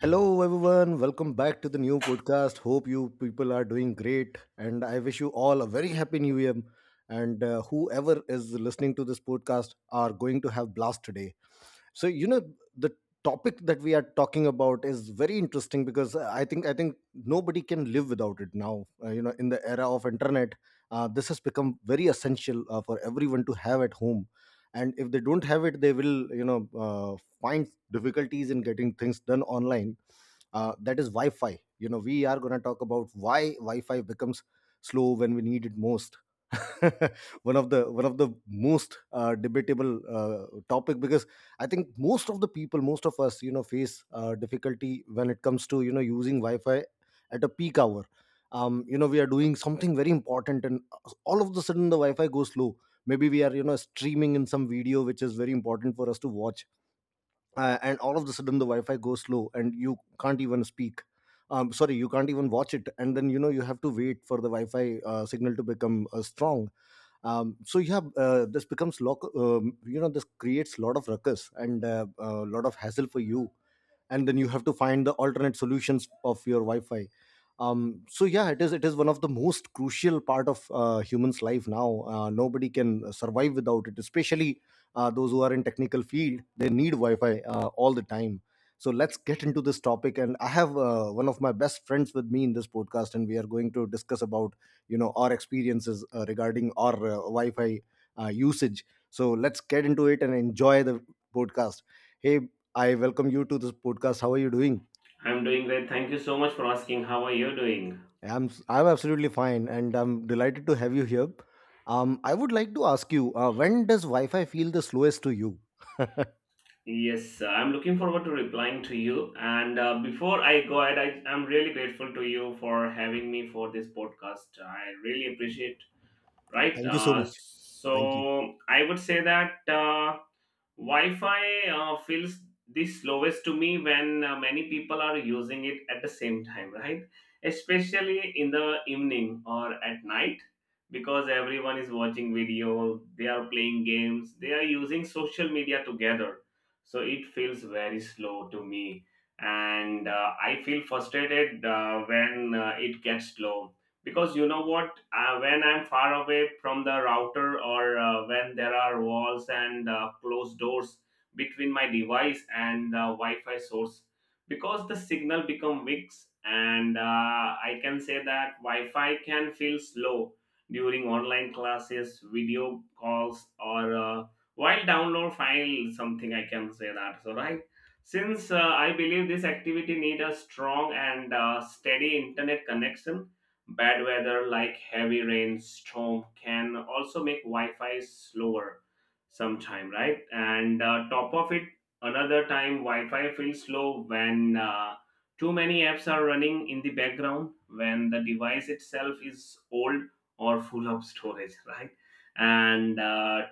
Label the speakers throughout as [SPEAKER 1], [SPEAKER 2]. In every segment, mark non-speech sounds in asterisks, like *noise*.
[SPEAKER 1] Hello, everyone. Welcome back to the new podcast. Hope you people are doing great. And I wish you all a very happy new year. And whoever is listening to this podcast are going to have blast today so you know the topic that we are talking about is very interesting because I think nobody can live without it now, you know, in the era of internet, this has become very essential, for everyone to have at home. And if they don't have it, they will, you know, find difficulties in getting things done online, that is wi-fi. You know, we are going to talk about why wi-fi becomes slow when we need it most. *laughs* One of the most debatable uh, topic, because I think most of the people, most of us, you know, face difficulty when it comes to, you know, using Wi-Fi at a peak hour. You know, we are doing something very important, and all of the sudden the Wi-Fi goes slow. Maybe we are, you know, streaming in some video which is very important for us to watch, and all of the sudden the Wi-Fi goes slow, and you can't even speak. Sorry, you can't even watch it, and then, you know, you have to wait for the Wi-Fi signal to become strong. So you have this becomes lock. You know, this creates a lot of ruckus and a, lot of hassle for you, and then you have to find the alternate solutions of your wi-fi. So yeah, it is one of the most crucial part of humans life now. Nobody can survive without it, especially those who are in technical field. They need wi-fi all the time. So let's get into this topic, and I have one of my best friends with me in this podcast, and we are going to discuss about, you know, our experiences regarding our wi-fi usage. So let's get into it and enjoy the podcast. Hey, I welcome you to this podcast. How are you doing?
[SPEAKER 2] I'm doing great. Thank you so much for asking. How are you doing?
[SPEAKER 1] I'm absolutely fine, and I'm delighted to have you here. I would like to ask you, when does Wi-Fi feel the slowest to you?
[SPEAKER 2] Yes, I'm looking forward to replying to you. And before I go ahead, I'm really grateful to you for having me for this podcast. I really appreciate. Right.
[SPEAKER 1] Thank you so
[SPEAKER 2] Uh,
[SPEAKER 1] much. Thank you.
[SPEAKER 2] so I would say that Wi-Fi feels the slowest to me when many people are using it at the same time, right? Especially in the evening or at night, because everyone is watching video, they are playing games, they are using social media together. So it feels very slow to me, and I feel frustrated when it gets slow because you know what when I'm far away from the router or when there are walls and closed doors between my device and the Wi-Fi source because the signal become weak and I can say that Wi-Fi can feel slow during online classes, video calls, or while download file, something I can say that. So right, since I believe this activity need a strong and steady internet connection. Bad weather like heavy rain, storm can also make Wi-Fi slower sometime, right? And top of it, another time Wi-Fi feels slow when too many apps are running in the background, when the device itself is old or full of storage, right? And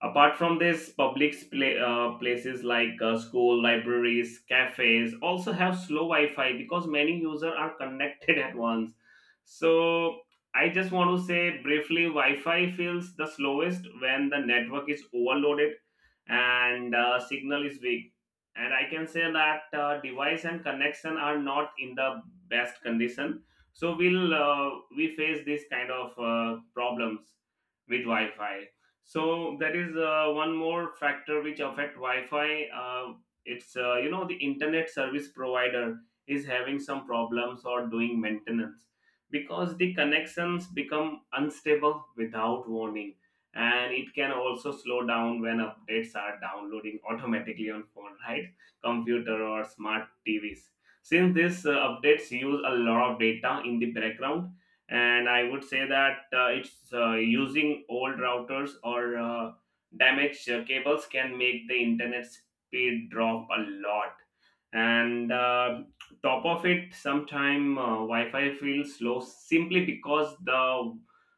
[SPEAKER 2] Apart from this, public places like school, libraries, cafes also have slow Wi-Fi because many users are connected at once. So I just want to say briefly, Wi-Fi feels the slowest when the network is overloaded and signal is weak. And I can say that device and connection are not in the best condition. So we face this kind of problems with Wi-Fi. So that is one more factor which affect Wi-Fi. It's the internet service provider is having some problems or doing maintenance because the connections become unstable without warning, and it can also slow down when updates are downloading automatically on phone, right? Computer or smart TVs. Since these updates use a lot of data in the background, and I would say that it's using old routers or damaged cables can make the internet speed drop a lot, and top of it sometime Wi-Fi feels slow simply because the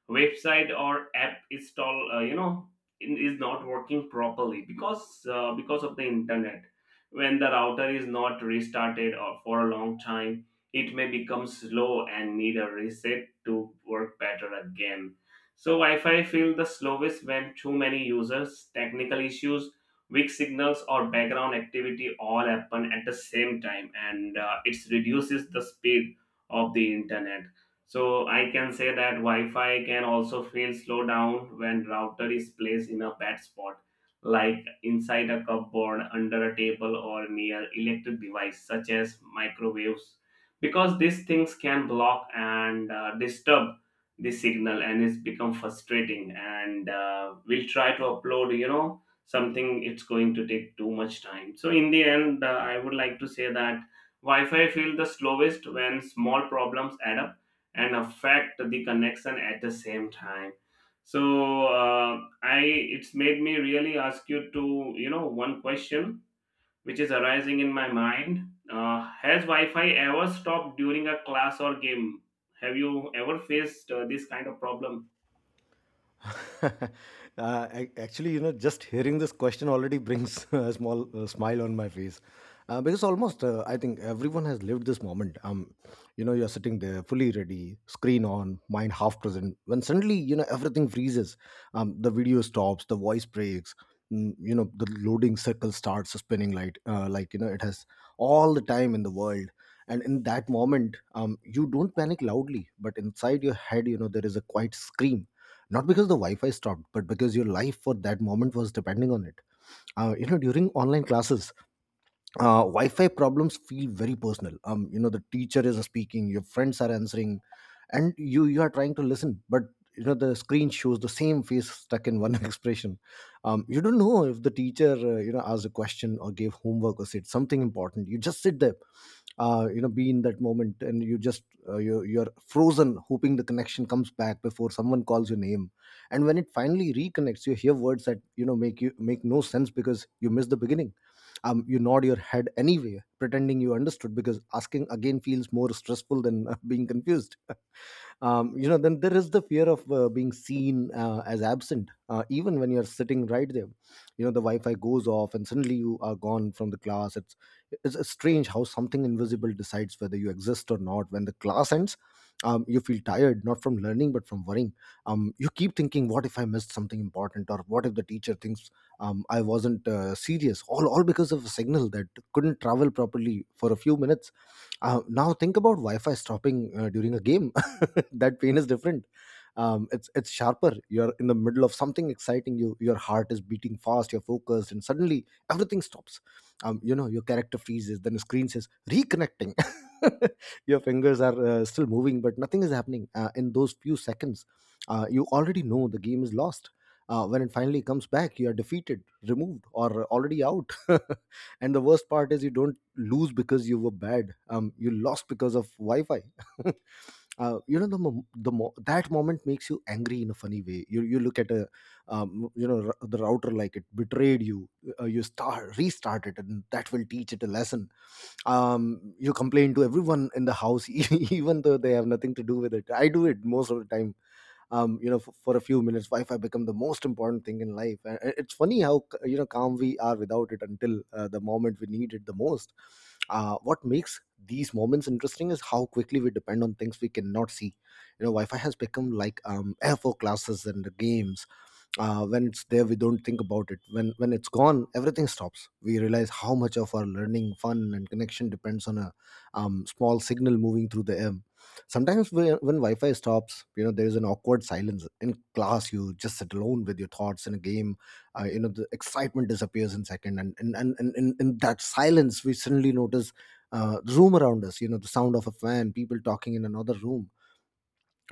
[SPEAKER 2] website or app install you know in- is not working properly because of the internet. When the router is not restarted or for a long time, it may become slow and need a reset to work better again. So Wi-Fi feel the slowest when too many users, technical issues, weak signals or background activity all happen at the same time, and it reduces the speed of the internet. So I can say that Wi-Fi can also feel slow down when router is placed in a bad spot like inside a cupboard, under a table, or near electric device such as microwaves, because these things can block and disturb the signal, and it's become frustrating, and we'll try to upload you know something it's going to take too much time. So in the end, I would like to say that Wi-Fi feels the slowest when small problems add up and affect the connection at the same time. So uh, i it's made me really ask you to you know one question which is arising in my mind. Has Wi Fi ever stopped during a class or game? Have you ever faced this kind of problem?
[SPEAKER 1] *laughs* Actually, you know, just hearing this question already brings *laughs* a small smile on my face, because almost I think everyone has lived this moment. You know, you're sitting there fully ready, screen on, mind half present, when suddenly, you know, everything freezes. The video stops, the voice breaks. You know, the loading circle starts spinning light, like, you know, it has all the time in the world. And in that moment, you don't panic loudly, but inside your head, you know, there is a quiet scream, not because the wi-fi stopped, but because your life for that moment was depending on it. You know, during online classes, Wi-Fi problems feel very personal. You know, the teacher is speaking, your friends are answering, and you are trying to listen, but you know, the screen shows the same face stuck in one *laughs* expression. You don't know if the teacher, you know, asked a question or gave homework or said something important. You just sit there, you know, be in that moment, and you just, uh, you're frozen, hoping the connection comes back before someone calls your name. And when it finally reconnects, you hear words that, you know, make you make no sense because you missed the beginning. You nod your head anyway, pretending you understood, because asking again feels more stressful than being confused. You know, then there is the fear of being seen as absent, even when you're sitting right there. You know, the wi-fi goes off and suddenly you are gone from the class. It's strange how something invisible decides whether you exist or not. When the class ends, you feel tired, not from learning but from worrying. You keep thinking, what if I missed something important, or what if the teacher thinks, I wasn't serious, all because of a signal that couldn't travel properly for a few minutes. Now think about wi-fi stopping during a game. *laughs* That pain is different. It's sharper. You're in the middle of something exciting, you, your heart is beating fast, you're focused, and suddenly everything stops. You know, your character freezes, then the screen says reconnecting. *laughs* Your fingers are still moving, but nothing is happening. In those few seconds, you already know the game is lost. When it finally comes back, you are defeated, removed, or already out. *laughs* And the worst part is, you don't lose because you were bad. You lost because of wi-fi. *laughs* You know, that moment makes you angry in a funny way. You look at a, you know, the router like it betrayed you. You start restart it, and that will teach it a lesson. You complain to everyone in the house *laughs* even though they have nothing to do with it. I do it most of the time. You know, for a few minutes, Wi-Fi become the most important thing in life. And it's funny how you know, calm we are without it until the moment we need it the most. What makes these moments interesting is how quickly we depend on things we cannot see. You know, Wi-Fi has become like, air for classes and the games. When it's there, we don't think about it. When it's gone, everything stops. We realize how much of our learning, fun, and connection depends on a, small signal moving through the air. Sometimes when Wi-Fi stops, you know, there is an awkward silence in class. You just sit alone with your thoughts in a game. You know, the excitement disappears in second, and in that silence, we suddenly notice the room around us. You know, the sound of a fan, people talking in another room,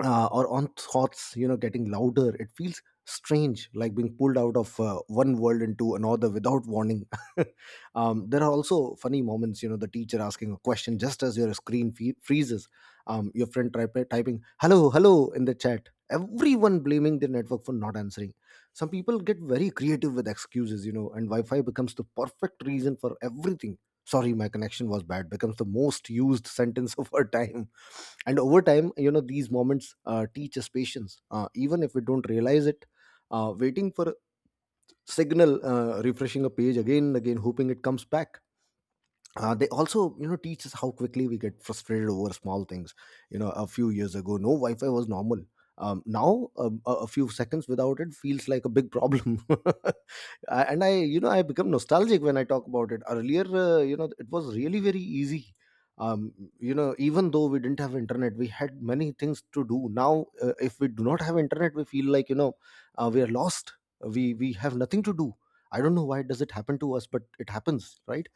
[SPEAKER 1] or on thoughts, you know, getting louder. It feels strange, like being pulled out of one world into another without warning. *laughs* There are also funny moments. You know, the teacher asking a question just as your screen freezes, your friend typing hello hello in the chat, everyone blaming the network for not answering. Some people get very creative with excuses, you know, and wi-fi becomes the perfect reason for everything. Sorry, my connection was bad becomes the most used *laughs* sentence of our time. And over time, you know, these moments teach us patience, even if we don't realize it. Waiting for a signal, refreshing a page again and again, hoping it comes back, they also, you know, teach us how quickly we get frustrated over small things. You know, a few years ago, no wi-fi was normal. Now, a few seconds without it feels like a big problem. *laughs* And I, you know, I become nostalgic when I talk about it. Earlier, you know, it was really very easy. um, you know, even though we didn't have internet, we had many things to do. Now, if we do not have internet, we feel like, you know, we are lost. We have nothing to do. I don't know why does it happen to us, but it happens, right?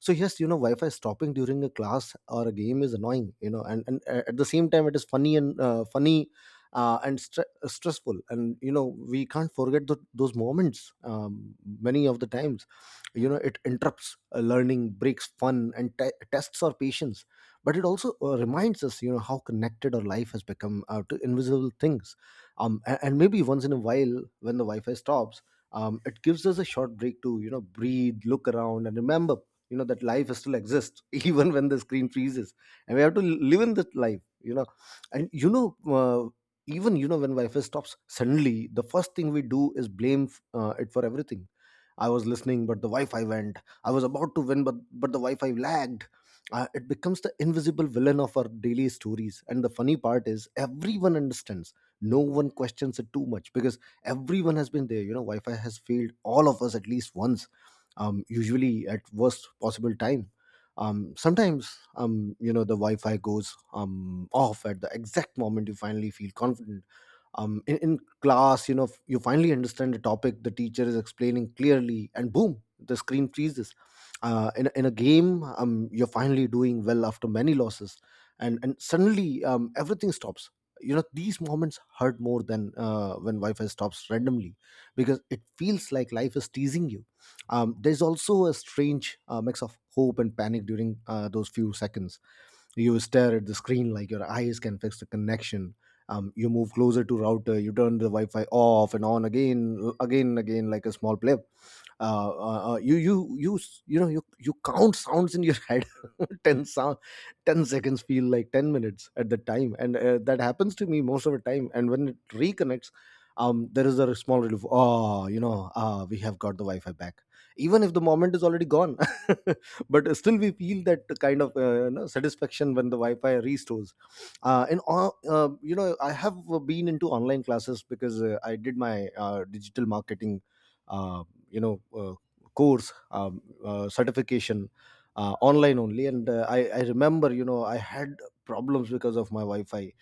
[SPEAKER 1] So yes, you know, wi-fi stopping during a class or a game is annoying, you know, and at the same time, it is funny and, funny and stressful, and you know, we can't forget those moments. Many of the times, you know, it interrupts learning, breaks fun, and tests our patience. But it also, reminds us, you know, how connected our life has become to invisible things. And maybe once in a while, when the wi-fi stops, it gives us a short break to, you know, breathe, look around, and remember, you know, that life still exists *laughs* even when the screen freezes, and we have to live in that life, you know. And you know, even, you know, when wi-fi stops suddenly, the first thing we do is blame it for everything. I was listening but the wi-fi went. I was about to win but the wi-fi lagged. Uh, it becomes the invisible villain of our daily stories. And the funny part is everyone understands. No one questions it too much because everyone has been there, you know. Wi-fi has failed all of us at least once, usually at worst possible time. Sometimes, you know, the Wi-Fi goes off at the exact moment you finally feel confident, in class. You know, you finally understand the topic the teacher is explaining clearly, and boom, the screen freezes. In a game, you're finally doing well after many losses, and suddenly everything stops. You know, these moments hurt more than when wi-fi stops randomly, because it feels like life is teasing you. There's also a strange mix of hope and panic during those few seconds. You stare at the screen like your eyes can fix the connection. You move closer to router. You turn the wi-fi off and on, again again and again, like a small play. You count sounds in your head. *laughs* 10 sound, 10 seconds feel like 10 minutes at the time, and that happens to me most of the time. And when it reconnects there is a small relief. Oh, you know, ah, we have got the wi-fi back, even if the moment is already gone. *laughs* But still we feel that kind of satisfaction when the wi-fi restores. In all, I have been into online classes because I did my digital marketing uh, you know uh, course, certification online only. And I remember, you know, I had problems because of my wi-fi.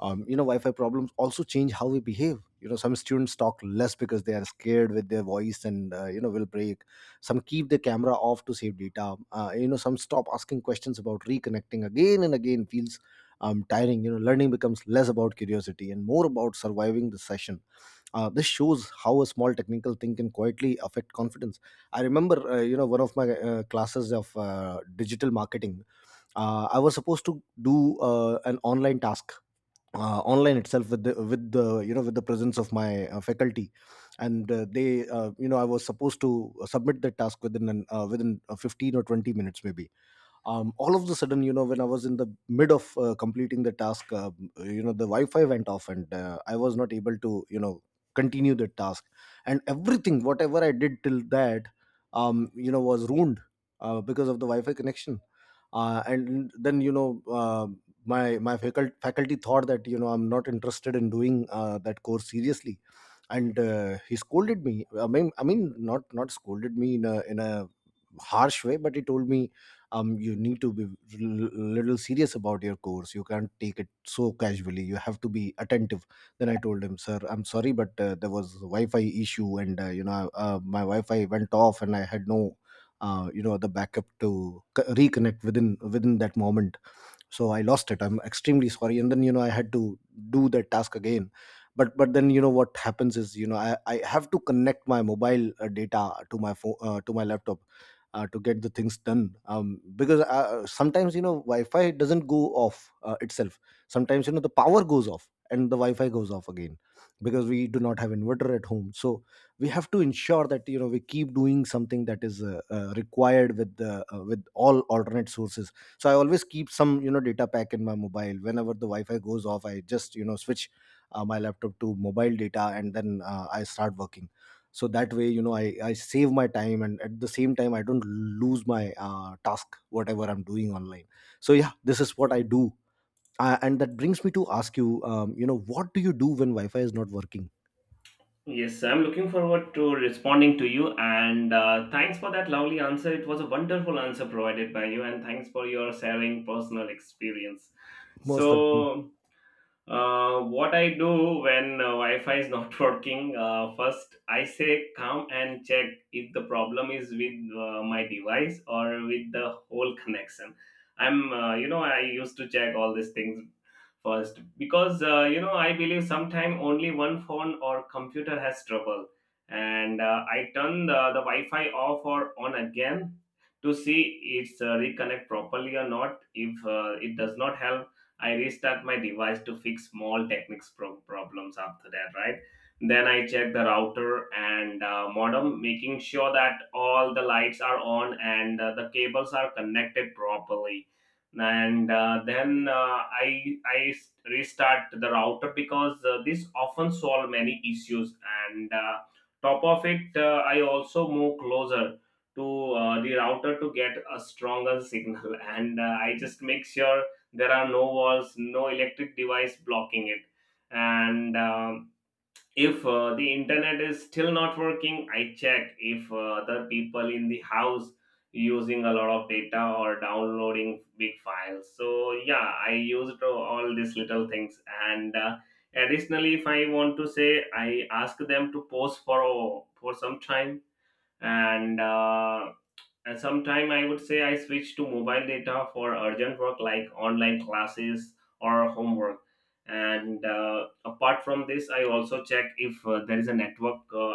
[SPEAKER 1] Wi-fi problems also change how we behave. You know, some students talk less because they are scared with their voice, and will break. Some keep the camera off to save data. Some stop asking questions. About reconnecting again and again feels tiring. You know, learning becomes less about curiosity and more about surviving the session. This shows how a small technical thing can quietly affect confidence. I remember, one of my classes of digital marketing. I was supposed to do an online task, online itself, with the presence of my faculty, and they you know I was supposed to submit the task within 15 or 20 minutes maybe. All of the sudden, you know, when I was in the mid of completing the task, the wi-fi went off, and I was not able to, you know, continue the task. And everything, whatever I did till that, was ruined, because of the wi-fi connection. And then, you know, my faculty thought that, you know, I'm not interested in doing that course seriously. And he scolded me. I mean, not scolded me in a harsh way, but he told me, you need to be little serious about your course. You can't take it so casually. You have to be attentive. Then I told him, sir, I'm sorry, but there was wi-fi issue, and my wi-fi went off, and I had no the backup to reconnect within that moment. So I lost it. I'm extremely sorry. And then, you know, I had to do that task again. But then, you know, what happens is, you know, I have to connect my mobile data to my phone, to my laptop, to get the things done. Because sometimes, you know, wi-fi doesn't go off itself. Sometimes, you know, the power goes off and the wi-fi goes off again, because we do not have inverter at home. So we have to ensure that, you know, we keep doing something that is required with the with all alternate sources. So I always keep some, you know, data pack in my mobile. Whenever the wi-fi goes off I just, you know, switch my laptop to mobile data, and then I start working. So that way, you know, I save my time, and at the same time I don't lose my task, whatever I'm doing online. So yeah, this is what I do. And that brings me to ask you, you know what do you do when wi-fi is not working?
[SPEAKER 2] Yes, I'm looking forward to responding to you. And thanks for that lovely answer. It was a wonderful answer provided by you. And thanks for your sharing personal experience.
[SPEAKER 1] Most welcome.
[SPEAKER 2] So, what I do when Wi-Fi is not *laughs* working, first I say come and check if the problem is with my device or with the whole connection. I used to check all these things first because you know I believe sometime only one phone or computer has trouble, and I turn the Wi-Fi off or on again to see it's reconnect properly or not. If it does not help, I restart my device to fix small problems after that. Right, then I check the router and modem, making sure that all the lights are on and the cables are connected properly, and then I restart the router because this often solve many issues, and top of it I also move closer to the router to get a stronger *laughs* signal, and I just make sure there are no walls, no electric device blocking it. And if the internet is still not working, I check if other people in the house using a lot of data or downloading big files. So yeah, I used all these little things, and additionally, if I want to say, I ask them to pause for some time, and uh, and sometime I would say I switch to mobile data for urgent work like online classes or homework. And apart from this, I also check if there is a network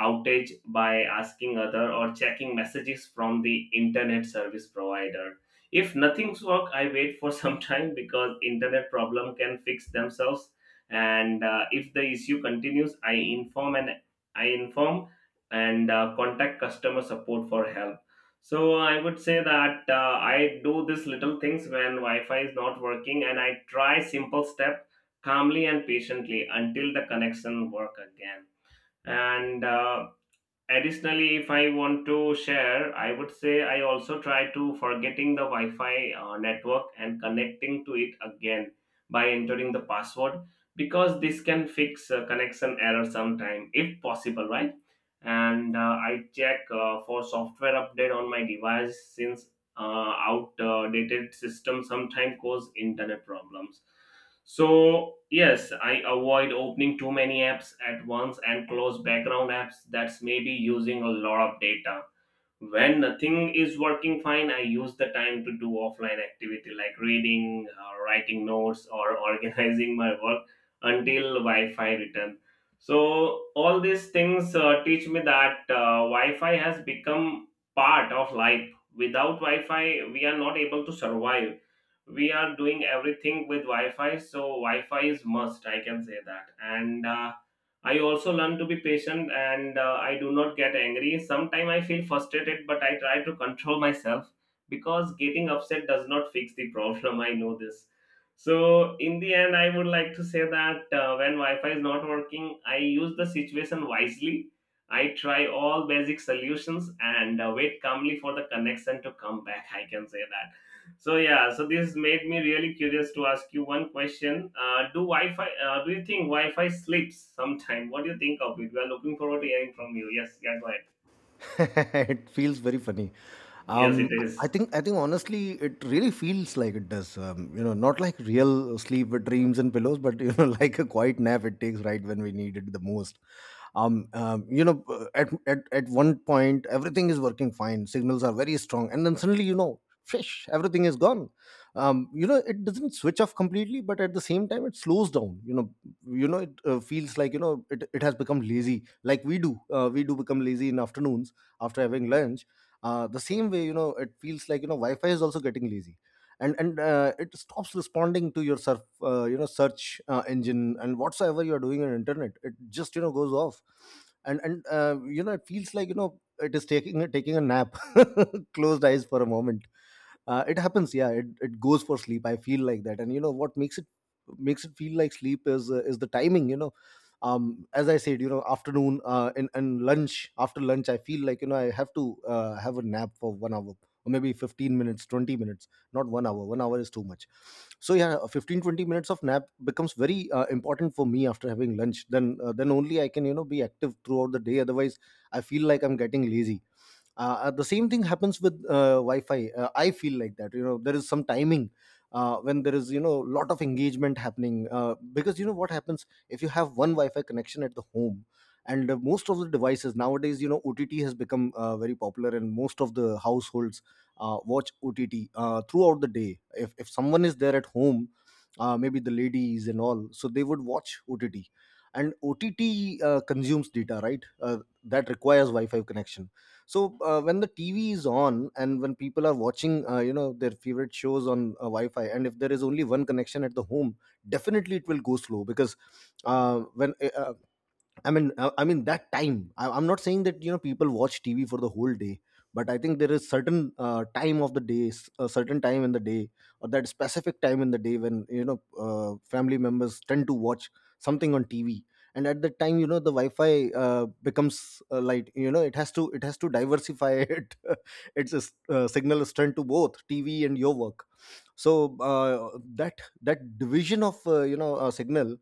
[SPEAKER 2] outage by asking other or checking messages from the internet service provider. If nothing's work, I wait for *laughs* some time because internet problem can fix themselves, and if the issue continues, I inform and contact customer support for help. So I would say that I do these little things when Wi-Fi is not working, and I try simple step calmly and patiently until the connection work again. And additionally, if I want to share, I would say I also try to forgetting the Wi-Fi network and connecting to it again by entering the password, because this can fix connection error sometime if possible. Right, and I check for software update on my device, since outdated system sometimes cause internet problems. So yes, I avoid opening too many apps at once and close background apps that's maybe using a lot of data. When nothing is working fine, I use the time to do offline activity like reading, writing notes, or *laughs* organizing my work until Wi-Fi return. So all these things teach me that Wi-Fi has become part of life. Without Wi-Fi, we are not able to survive. We are doing everything with Wi-Fi. So Wi-Fi is must, I can say that. And I also learn to be patient, and I do not get angry. Sometimes I feel frustrated, but I try to control myself because getting upset does not fix the problem. *laughs* I know this. So in the end, I would like to say that when Wi Fi is not working, I use the situation wisely. I try all basic solutions and wait calmly for the connection to come back. I can say that. So yeah, so this made me really curious to ask you one question. Do Wi-Fi? Do you think Wi-Fi sleeps sometime? What do you think of it? We are looking forward to hearing from you. Yes, yeah, go ahead.
[SPEAKER 1] *laughs* It feels very funny.
[SPEAKER 2] Yes, it
[SPEAKER 1] Um, I
[SPEAKER 2] is.
[SPEAKER 1] think I think honestly, it really feels like it does. You know, not like real sleep with dreams and pillows, but you know, *laughs* like a quiet nap it takes right when we need it the most. um, um you know at one point everything is working fine, signals are very strong, and then suddenly, you know, fish, everything is gone. It doesn't switch off completely, but at the same time it slows down, you know. You know, it feels like, you know, it has become lazy, like we do become lazy in afternoons after having lunch. The same way, you know, it feels like, you know, wi-fi is also getting lazy. And it stops responding to your surf, you know search engine, and whatsoever you are doing on internet it just, you know, goes off. And it feels like, you know, it is taking a nap. *laughs* Closed eyes for a moment. It happens, yeah, it goes for sleep, I feel like that. And you know what makes it feel like sleep is the timing, you know. As I said, you know, afternoon and lunch, after lunch I feel like, you know, I have to have a nap for one hour, or maybe 15 minutes, 20 minutes. Not one hour, one hour is too much. So yeah, 15, 20 minutes of nap becomes very important for me after having lunch. Then then only I can, you know, be active throughout the day. Otherwise I feel like I'm getting lazy. The same thing happens with wi-fi. I feel like that, you know, there is some timing, when there is, you know, lot of engagement happening, because you know what happens if you have one wi-fi connection at the home. And most of the devices nowadays, you know, ott has become very popular, and most of the households watch ott throughout the day, if someone is there at home. Maybe the ladies and all, so they would watch ott. And ott consumes data, right? That requires wi-fi connection. So when the tv is on and when people are watching, you know, their favorite shows on wi-fi, and if there is only one connection at the home, definitely it will go slow. Because when I mean, I mean that time. I'm not saying that, you know, people watch TV for the whole day, but I think there is certain time of the day, a certain time in the day, or that specific time in the day when, you know, family members tend to watch something on TV, and at that time, you know, the Wi-Fi becomes light. You know, it has to diversify *laughs* it. Its a signal strength to both TV and your work, so that division of signal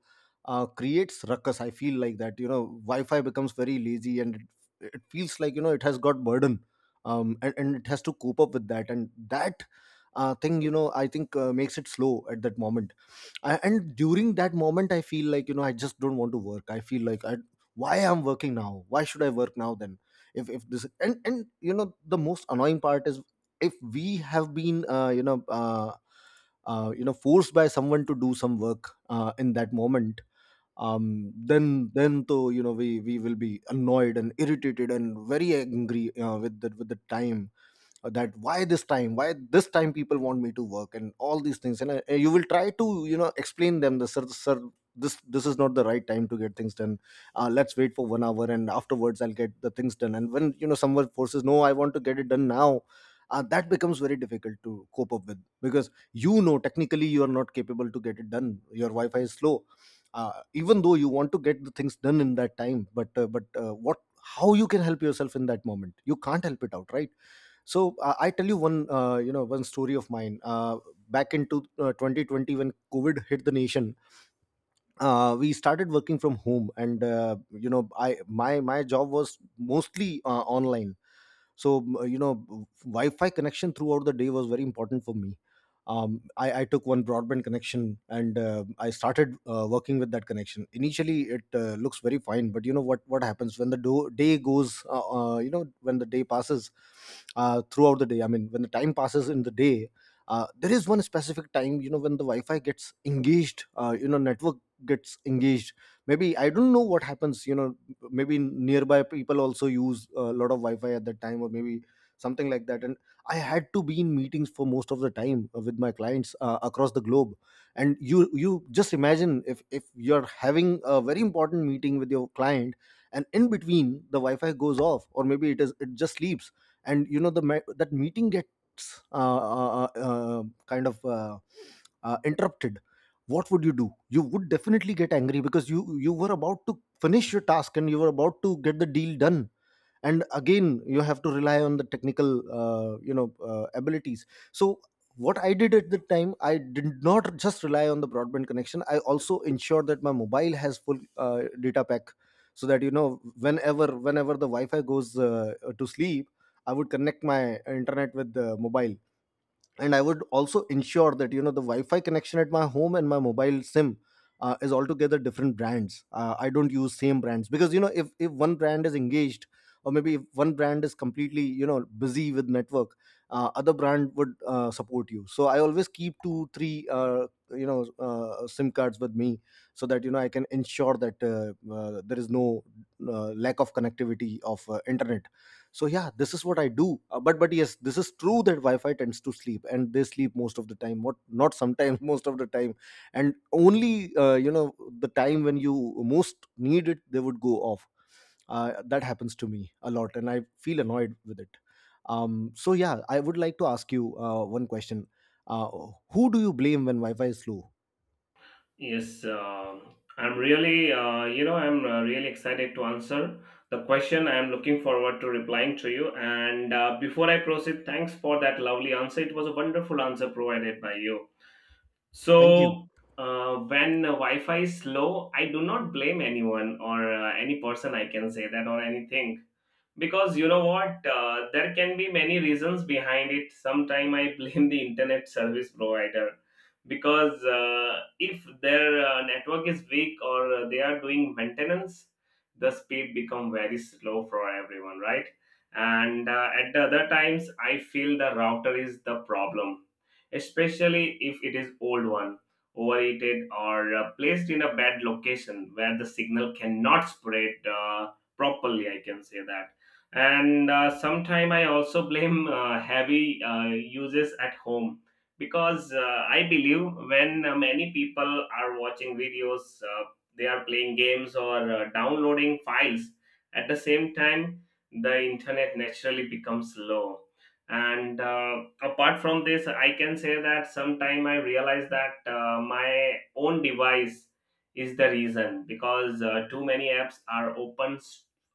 [SPEAKER 1] creates ruckus. I feel like that, you know, Wi-Fi becomes very lazy, and it feels like, you know, it has got burden, and it has to cope up with that, and that thing, you know, I think makes it slow at that moment. And during that moment I feel like, you know, I just don't want to work. I feel like, why I'm working now? Why should I work now then? If this, and you know, the most annoying part is, if we have been forced by someone to do some work in that moment, then though, you know, we will be annoyed and irritated and very angry with the time, that why this time, why this time people want me to work, and all these things. And you will try to, you know, explain them, the sir, sir, this is not the right time to get things done. Let's wait for 1 hour, and afterwards I'll get the things done. And when, you know, someone forces, no, I want to get it done now, that becomes very difficult to cope up with, because, you know, technically you are not capable to get it done. Your Wi-Fi is slow. Even though you want to get the things done in that time, but what, how you can help yourself in that moment? You can't help it out, right? So I tell you one, one story of mine. Back into 2020, when COVID hit the nation, we started working from home, and, you know, I my my job was mostly online, so Wi-Fi connection throughout the day was very important for me. I took one broadband connection, and I started working with that connection. Initially it looks very fine, but you know what happens when the day goes when the day passes, throughout the day, I mean, when the time passes in the day, there is one specific time, you know, when the Wi-Fi gets engaged, you know, network gets engaged. Maybe I don't know what happens, you know, maybe nearby people also use a lot of Wi-Fi at that time, or maybe something like that. And I had to be in meetings for most of the time with my clients across the globe. And you just imagine, if you're having a very important meeting with your client, and in between the Wi-Fi goes off, or maybe it is, it just sleeps, and you know the that meeting gets kind of interrupted, what would you do? You would definitely get angry, because you were about to finish your task, and you were about to get the deal done. And again you have to rely on the technical abilities. So what I did at the time, I did not just rely on the broadband connection, I also ensured that my mobile has full uh, data pack, so that, you know, whenever the Wi-Fi goes to sleep, I would connect my internet with the mobile. And I would also ensure that, you know, the Wi-Fi connection at my home and my mobile SIM is altogether different brands. I don't use same brands, because, you know, if one brand is engaged, or maybe if one brand is completely, you know, busy with network, other brand would support you. So I always keep 2 3 SIM cards with me, so that, you know, I can ensure that there is no lack of connectivity of internet. So yeah, this is what I do. But yes, this is true that Wi-Fi tends to sleep, and they sleep most of the time, what not sometimes *laughs* most of the time. And only the time when you most need it, they would go off. That happens to me a lot, and I feel annoyed with it. So yeah, I would like to ask you one question. uh, who do you blame when Wi-Fi is slow?
[SPEAKER 2] Yes, I'm really, I'm really excited to answer the question. I'm looking forward to replying to you. And before I proceed, thanks for that lovely answer. It was a wonderful answer provided by you.
[SPEAKER 1] Thank you.
[SPEAKER 2] So, when Wi Fi is slow, I do not blame anyone or any person, I can say that, or anything, because you know what there can be many reasons behind it. Sometime I *laughs* blame the internet service provider because if their network is weak or they are doing maintenance, the speed become very slow for everyone, right? And at the other times I feel the router is the problem, especially if it is old one, overheated, or placed in a bad location where the signal cannot spread properly, I can say that. And sometime I also blame heavy uses at home because I believe when many people are watching videos, they are playing games or downloading files at the same time, the internet naturally becomes low. And apart from this, I can say that sometime I realize that my own device is the reason because too many apps are open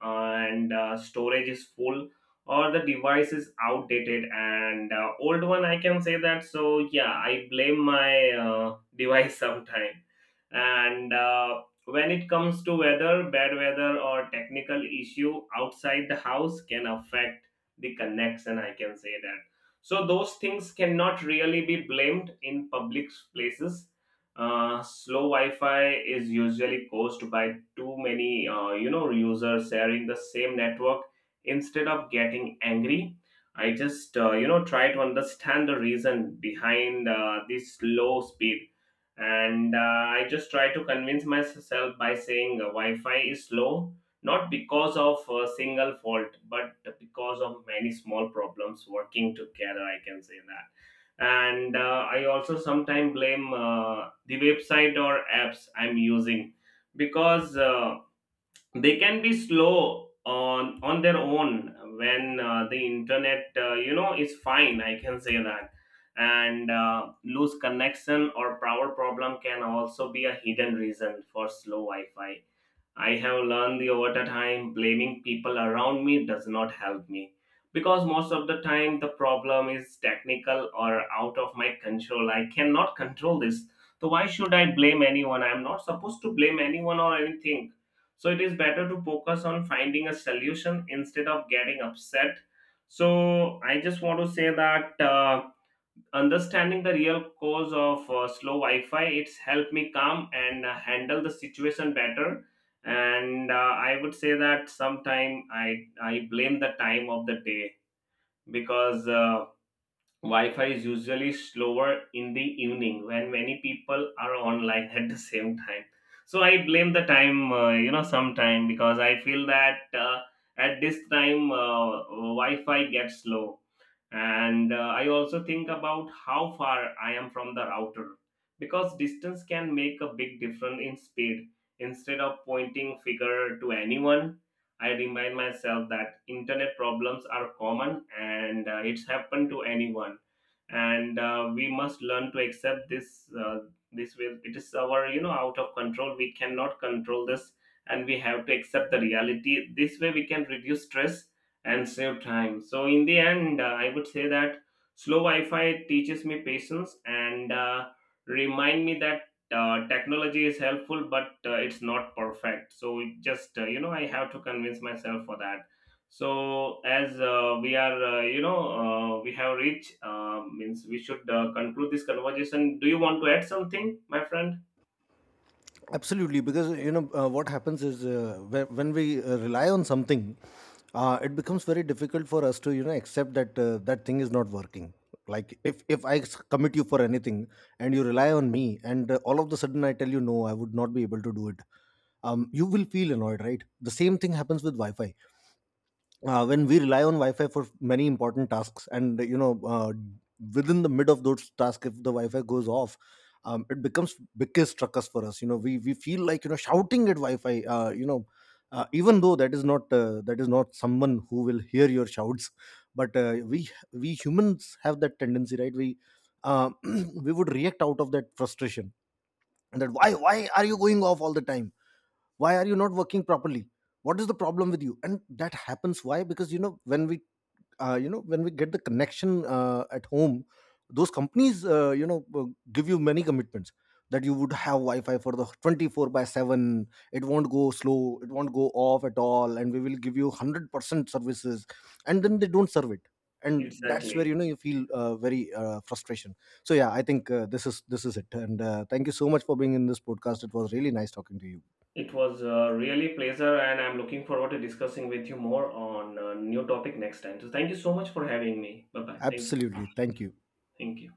[SPEAKER 2] and storage is full, or the device is outdated and old one, I can say that. So yeah, I blame my *laughs* device sometime. And when it comes to weather, bad weather or technical issue outside the house can affect the connection, I can say that. So those things cannot really be blamed in public places. Uh, slow Wi-Fi is usually caused by too many, users sharing the same network. Instead of getting angry, I just, try to understand the reason behind this slow speed, and I just try to convince myself by saying Wi-Fi is slow not because of a single fault, but because of many small problems working together. I can say that. And I also sometimes blame the website or apps I'm using because they can be slow on their own when the internet is fine, I can say that. And loose connection or power problem can also be a hidden reason for slow Wi-Fi. I have learned the over the time blaming people around me does not help me because most of the time the problem is technical or out of my control. I cannot control this. So why should I blame anyone? I'm not supposed to blame anyone or anything. So it is better to focus on finding a solution instead of getting upset. So I just want to say that. Understanding the real cause of slow Wi-Fi it's helped me calm and handle the situation better. And I would say that sometime I blame the time of the day because Wi-Fi is usually slower in the evening when many people are online *laughs* at the same time. So I blame the time, sometime because I feel that at this time Wi-Fi gets slow. And I also think about how far I am from the router because distance can make a big difference in speed. Instead of pointing finger to anyone, I remind myself that internet problems are common, and it's happened to anyone. And we must learn to accept this, this will it is our you know out of control, we cannot control this, and we have to accept the reality. This way we can reduce stress and save time. So in the end, I would say that slow Wi-Fi teaches me patience, and remind me that technology is helpful, but it's not perfect. So it just I have to convince myself for that. So as we are, you know, we have reached, means we should conclude this conversation. Do you want to add something, my friend?
[SPEAKER 1] Absolutely, because, you know, what happens is, when we rely on something, it becomes very difficult for us to, you know, accept that that thing is not working. Like if commit you for anything, and you rely on me, and all of the sudden I tell you no, I would not be able to do it. You will feel annoyed, right? The same thing happens with Wi-Fi when we rely on Wi-Fi for many important tasks, and you know within the mid of those tasks, if the Wi-Fi goes off, it becomes biggest ruckus for us. You know, we feel like, you know, shouting at Wi-Fi, even though that is not, that is not someone who will hear your shouts, but we humans have that tendency, right? We uh, *clears throat* we would react out of that frustration, and that, why are you going off all the time? Why are you not working properly? What is the problem with you? And that happens why? Because, you know, when we when we get the connection at home, those companies give you many commitments, that you would have Wi-Fi for the 24 by 7, it won't go slow, it won't go off at all, and we will give you 100% services, and then they don't serve it. And that's where, you
[SPEAKER 2] Exactly.
[SPEAKER 1] know, you feel very frustration. So yeah, I think this is, this is it, and thank you so much for being in this podcast. It was really nice talking to you.
[SPEAKER 2] It was really pleasure, and I'm looking forward to discussing with you more on a new topic next time. So, thank you so much for having me. Bye bye. Thank you.
[SPEAKER 1] Absolutely. Thank you.
[SPEAKER 2] Thank you.